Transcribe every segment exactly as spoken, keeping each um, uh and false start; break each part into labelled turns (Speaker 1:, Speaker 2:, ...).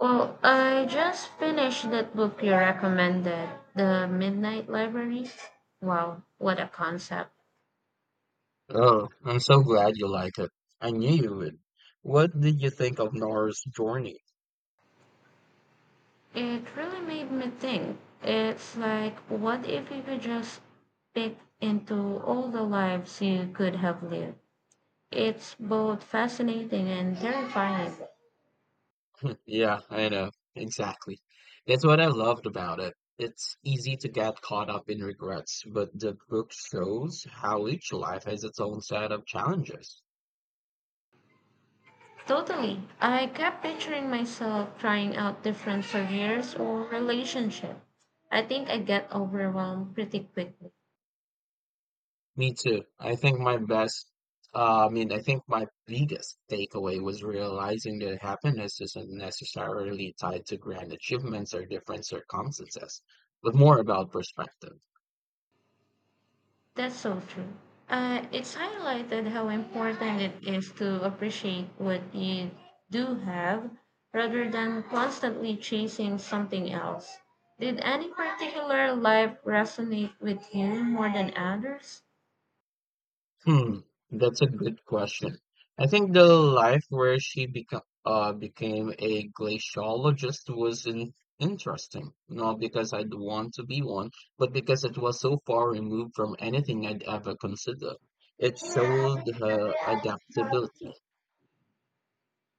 Speaker 1: Well, I just finished that book you recommended, The Midnight Library. Wow, what a concept.
Speaker 2: Oh, I'm so glad you like it. I knew you would. What did you think of Nora's journey?
Speaker 1: It really made me think. It's like, what if you could just peek into all the lives you could have lived? It's both fascinating and terrifying.
Speaker 2: Yeah, I know. Exactly. That's what I loved about it. It's easy to get caught up in regrets, but the book shows how each life has its own set of challenges.
Speaker 1: Totally. I kept picturing myself trying out different careers or relationships. I think I get overwhelmed pretty quickly.
Speaker 2: Me too. I think my best, uh, I mean, I think my biggest takeaway was realizing that happiness isn't necessarily tied to grand achievements or different circumstances, but more about perspective.
Speaker 1: That's so true. Uh, it's highlighted how important it is to appreciate what you do have rather than constantly chasing something else. Did any particular life resonate with you more than others?
Speaker 2: Hmm, that's a good question. I think the life where she beco- uh, became a glaciologist was in interesting, not because I'd want to be one, but because it was so far removed from anything I'd ever consider. It showed her adaptability.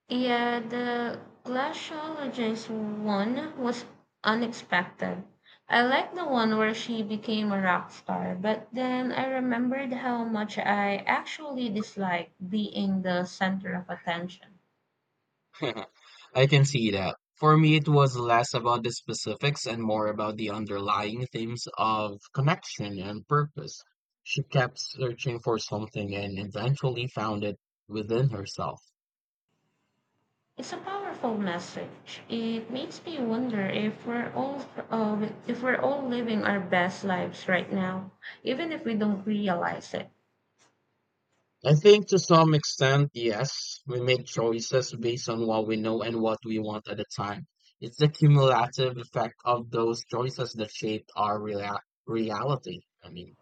Speaker 1: Yeah, the glaciologist one was unexpected. I liked the one where she became a rock star, but then I remembered how much I actually dislike being the center of attention.
Speaker 2: I can see that. For me, it was less about the specifics and more about the underlying themes of connection and purpose. She kept searching for something and eventually found it within herself.
Speaker 1: It's a powerful message. It makes me wonder if we're all uh, if we're all living our best lives right now, even if we don't realize it.
Speaker 2: I think to some extent, yes, we make choices based on what we know and what we want at the time. It's the cumulative effect of those choices that shaped our rea- reality. I mean,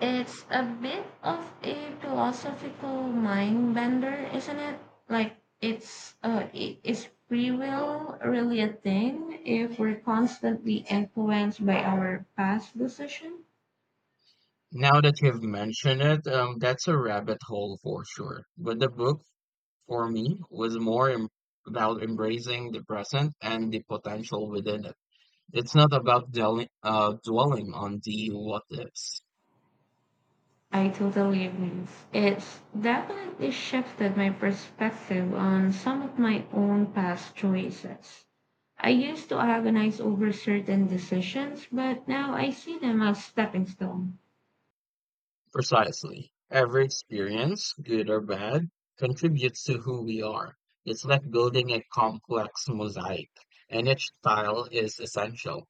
Speaker 1: It's a bit of a philosophical mind bender, isn't it? Like it's uh, i- is free will really a thing if we're constantly influenced by our past decision?
Speaker 2: Now that you've mentioned it, um, that's a rabbit hole for sure. But the book for me was more em- about embracing the present and the potential within it. It's not about dwelling, uh, dwelling on the what ifs.
Speaker 1: I totally agree. It's definitely shifted my perspective on some of my own past choices. I used to agonize over certain decisions, but now I see them as stepping stones.
Speaker 2: Precisely. Every experience, good or bad, contributes to who we are. It's like building a complex mosaic, and each tile is essential.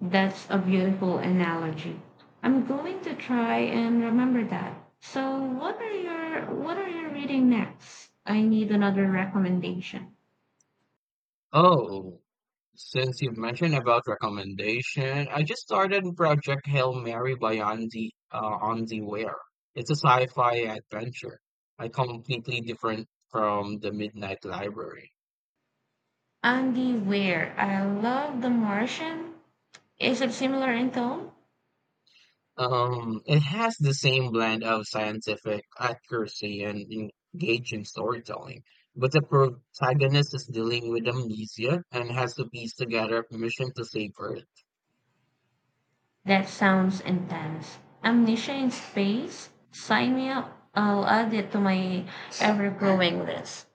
Speaker 1: That's a beautiful analogy. I'm going to try and remember that. So, what are your what are you reading next? I need another recommendation.
Speaker 2: Oh, since you have mentioned about recommendation, I just started Project Hail Mary by Andy uh, Andy Weir. It's a sci-fi adventure, I completely different from the Midnight Library.
Speaker 1: Andy Weir. I love The Martian. Is it similar in tone?
Speaker 2: Um, it has the same blend of scientific accuracy and engaging storytelling, but the protagonist is dealing with amnesia and has to piece together a mission to save Earth.
Speaker 1: That sounds intense. Amnesia in space. Sign me up. I'll add it to my ever growing list.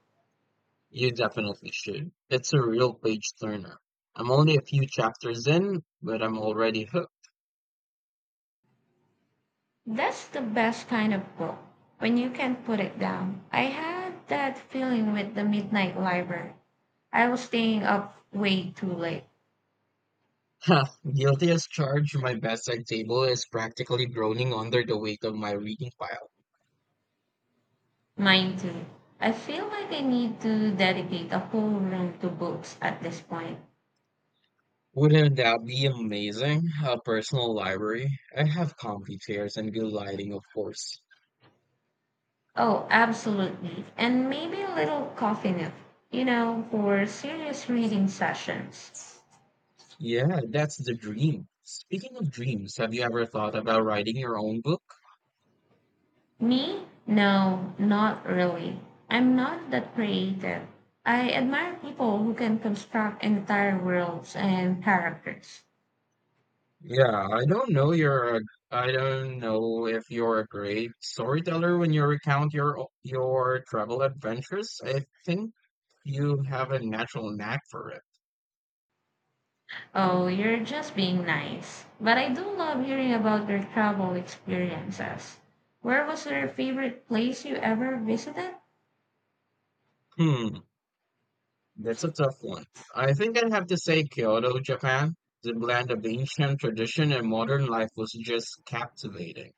Speaker 2: You definitely should. It's a real page turner. I'm only a few chapters in, but I'm already hooked.
Speaker 1: That's the best kind of book when you can put it down. I had that feeling with The Midnight Library. I was staying up way too late.
Speaker 2: Guilty as charged, my bedside table is practically groaning under the weight of my reading pile.
Speaker 1: Mine too. I feel like I need to dedicate a whole room to books at this point.
Speaker 2: Wouldn't that be amazing? A personal library. I have comfy chairs and good lighting, of course.
Speaker 1: Oh, absolutely. And maybe a little coffee nip, you know, for serious reading sessions.
Speaker 2: Yeah, that's the dream. Speaking of dreams, have you ever thought about writing your own book?
Speaker 1: Me? No, not really. I'm not that creative. I admire people who can construct entire worlds and characters.
Speaker 2: Yeah, I don't know you're a, I don't know if you're a great storyteller when you recount your o- your travel adventures. I think you have a natural knack for it.
Speaker 1: Oh, you're just being nice. But I do love hearing about your travel experiences. Where was your favorite place you ever visited?
Speaker 2: Hmm, that's a tough one. I think I'd have to say Kyoto, Japan. The blend of ancient tradition and modern life was just captivating.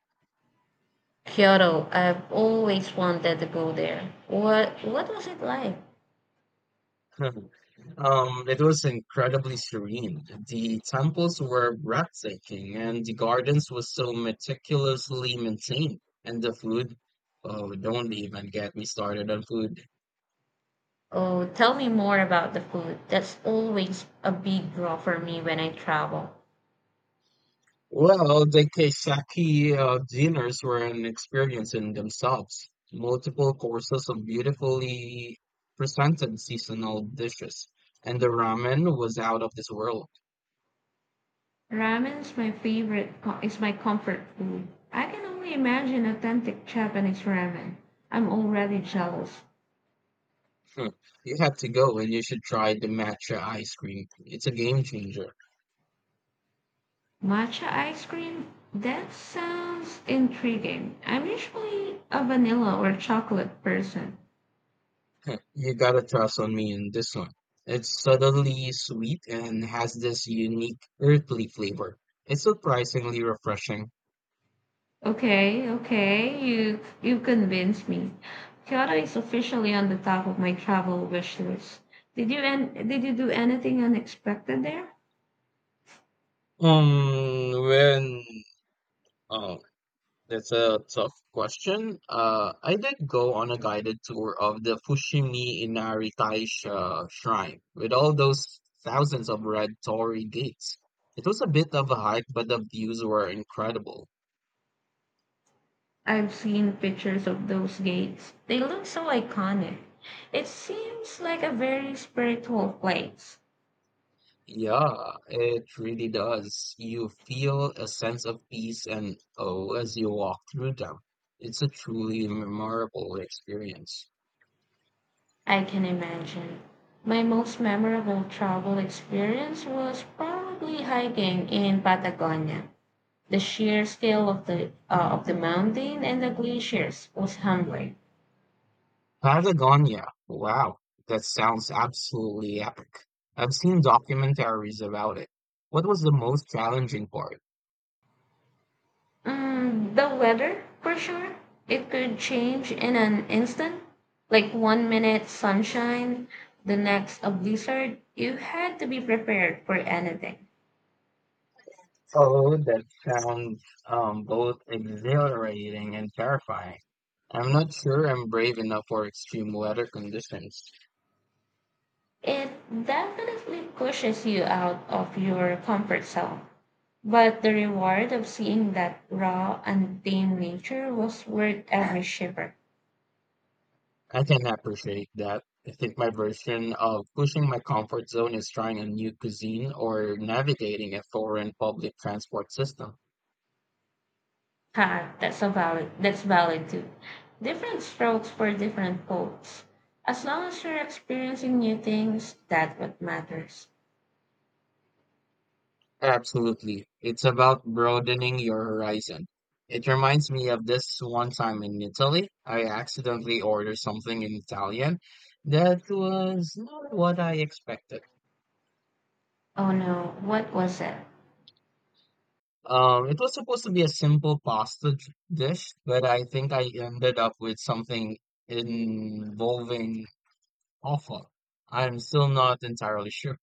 Speaker 1: Kyoto. I've always wanted to go there. What what was it like?
Speaker 2: Um, it was incredibly serene. The temples were breathtaking, and the gardens were so meticulously maintained. And the food, oh, don't even get me started on food.
Speaker 1: Oh, tell me more about the food. That's always a big draw for me when I travel.
Speaker 2: Well, the Keisaki uh, dinners were an experience in themselves. Multiple courses of beautifully presented seasonal dishes, and the ramen was out of this world.
Speaker 1: Ramen's my favorite co- is my comfort food. I can only imagine authentic Japanese ramen. I'm already jealous.
Speaker 2: You have to go, and you should try the matcha ice cream. It's a game changer.
Speaker 1: Matcha ice cream? That sounds intriguing. I'm usually a vanilla or chocolate person.
Speaker 2: You gotta trust on me in this one. It's subtly sweet and has this unique earthly flavor. It's surprisingly refreshing.
Speaker 1: Okay, okay, you you convinced me. Kyoto is officially on the top of my travel wish list. Did you and did you do anything unexpected there?
Speaker 2: Um, when oh, that's a tough question. Uh, I did go on a guided tour of the Fushimi Inari Taisha shrine with all those thousands of red torii gates. It was a bit of a hike, but the views were incredible.
Speaker 1: I've seen pictures of those gates. They look so iconic. It seems like a very spiritual place.
Speaker 2: Yeah, it really does. You feel a sense of peace and awe as you walk through them. It's a truly memorable experience.
Speaker 1: I can imagine. My most memorable travel experience was probably hiking in Patagonia. The sheer scale of the uh, of the mountain and the glaciers was humbling.
Speaker 2: Patagonia. Wow, that sounds absolutely epic. I've seen documentaries about it. What was the most challenging part?
Speaker 1: Mm, the weather, for sure. It could change in an instant. Like one minute sunshine, the next a blizzard. You had to be prepared for anything.
Speaker 2: Oh, that sounds um, both exhilarating and terrifying. I'm not sure I'm brave enough for extreme weather conditions.
Speaker 1: It definitely pushes you out of your comfort zone. But the reward of seeing that raw, untamed nature was worth every shiver.
Speaker 2: I can appreciate that. I think my version of pushing my comfort zone is trying a new cuisine or navigating a foreign public transport system.
Speaker 1: Ha, that's a valid. That's valid too. Different strokes for different folks. As long as you're experiencing new things, that's what matters.
Speaker 2: Absolutely. It's about broadening your horizon. It reminds me of this one time in Italy. I accidentally ordered something in Italian that was not what I expected.
Speaker 1: Oh no, what was it?
Speaker 2: Um, it was supposed to be a simple pasta d- dish, but I think I ended up with something involving awful. I'm still not entirely sure.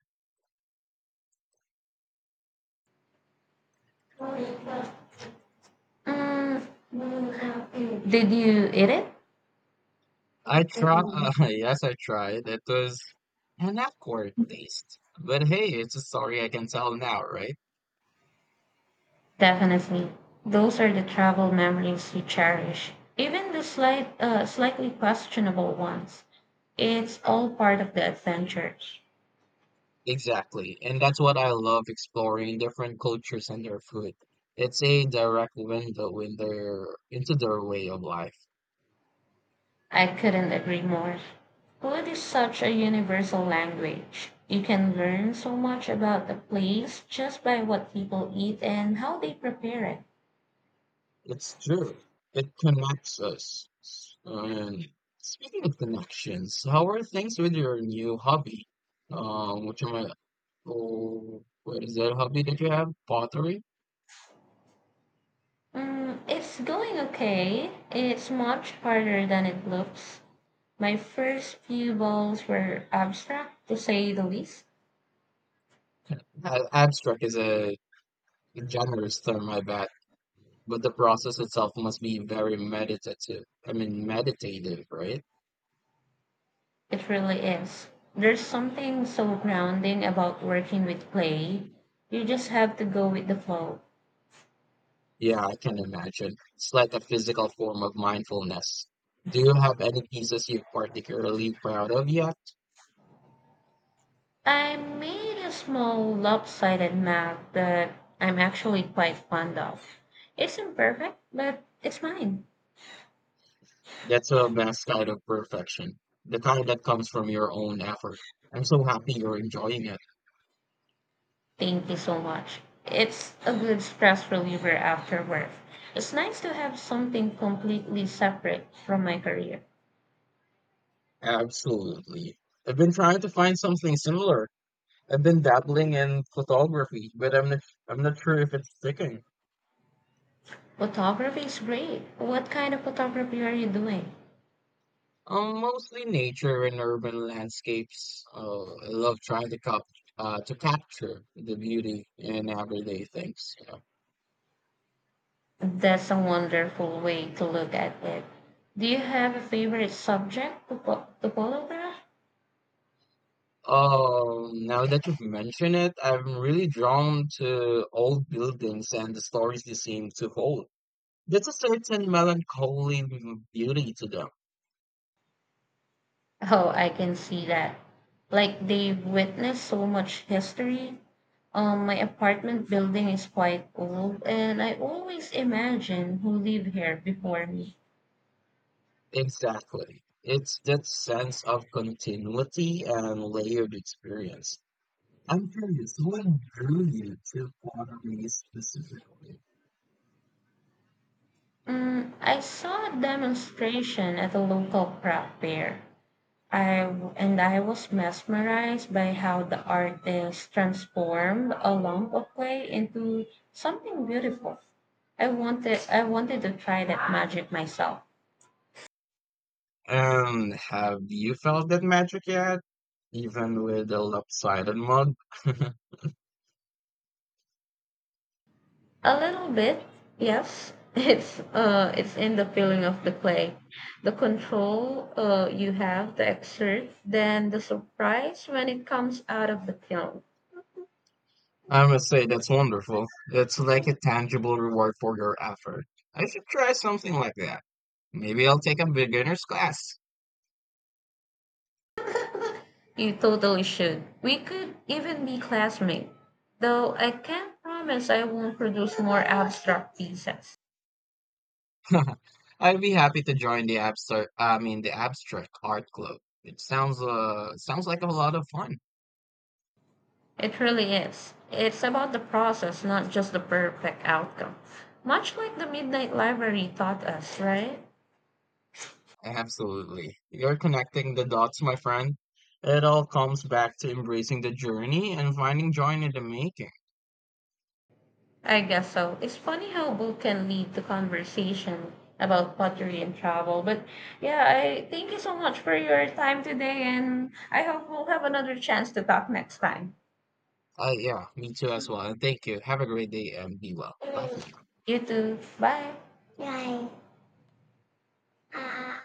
Speaker 1: Mm, did you eat it?
Speaker 2: I try, uh, yes, I tried. It was an awkward taste. But hey, it's a story I can tell now, right?
Speaker 1: Definitely. Those are the travel memories you cherish, even the slight, uh, slightly questionable ones. It's all part of the adventures.
Speaker 2: Exactly. And that's what I love exploring different cultures and their food. It's a direct window in their, into their way of life.
Speaker 1: I couldn't agree more. Food is such a universal language. You can learn so much about a place just by what people eat and how they prepare it.
Speaker 2: It's true. It connects us. S- And speaking of connections, how are things with your new hobby? Um, which am I? Oh, what is that hobby that you have? Pottery?
Speaker 1: Mm, it's going okay. It's much harder than it looks. My first few bowls were abstract, to say the least.
Speaker 2: A- Abstract is a generous term, I bet. But the process itself must be very meditative. I mean, meditative, right?
Speaker 1: It really is. There's something so grounding about working with clay. You just have to go with the flow.
Speaker 2: Yeah, I can imagine. It's like a physical form of mindfulness. Do you have any pieces you're particularly proud of yet?
Speaker 1: I made a small lopsided map that I'm actually quite fond of. It's imperfect, but it's mine.
Speaker 2: That's a vast kind of perfection, the kind that comes from your own effort. I'm so happy you're enjoying it.
Speaker 1: Thank you so much. It's a good stress reliever after work. It's nice to have something completely separate from my career.
Speaker 2: Absolutely. I've been trying to find something similar. I've been dabbling in photography, but I'm not, I'm not sure if it's sticking.
Speaker 1: Photography is great. What kind of photography are you doing?
Speaker 2: Um, mostly nature and urban landscapes. Uh, I love trying to cap uh, to capture the beauty in everyday things. You
Speaker 1: That's a wonderful way to look at it. Do you have a favorite subject to, pho- to photograph?
Speaker 2: Um, now that you've mentioned it, I'm really drawn to old buildings and the stories they seem to hold. There's a certain melancholy beauty to them.
Speaker 1: Oh, I can see that. Like they've witnessed so much history. Um, my apartment building is quite old, and I always imagine who lived here before me.
Speaker 2: Exactly. It's that sense of continuity and layered experience. I'm curious, what drew you to pottery specifically?
Speaker 1: Mm, I saw a demonstration at a local craft fair. I w- and I was mesmerized by how the artist transformed a lump of clay into something beautiful. I wanted I wanted to try that magic myself.
Speaker 2: And have you felt that magic yet, even with a lopsided mug?
Speaker 1: A little bit, yes. It's uh, it's in the feeling of the play, the control uh, you have, the exert, then the surprise when it comes out of the film.
Speaker 2: I must say, that's wonderful. That's like a tangible reward for your effort. I should try something like that. Maybe I'll take a beginner's class.
Speaker 1: You totally should. We could even be classmates, though I can't promise I won't produce more abstract pieces.
Speaker 2: I'd be happy to join the abstract, I mean the abstract art club. It sounds uh sounds like a lot of fun.
Speaker 1: It really is. It's about the process, not just the perfect outcome. Much like the Midnight Library taught us, right?
Speaker 2: Absolutely. You're connecting the dots, my friend. It all comes back to embracing the journey and finding joy in the making.
Speaker 1: I guess so. It's funny how book can lead to conversation about pottery and travel. But yeah, I thank you so much for your time today, and I hope we'll have another chance to talk next time.
Speaker 2: Uh, yeah, me too as well. And thank you. Have a great day and be well. Bye for now.
Speaker 1: You too. Bye. Bye. Uh,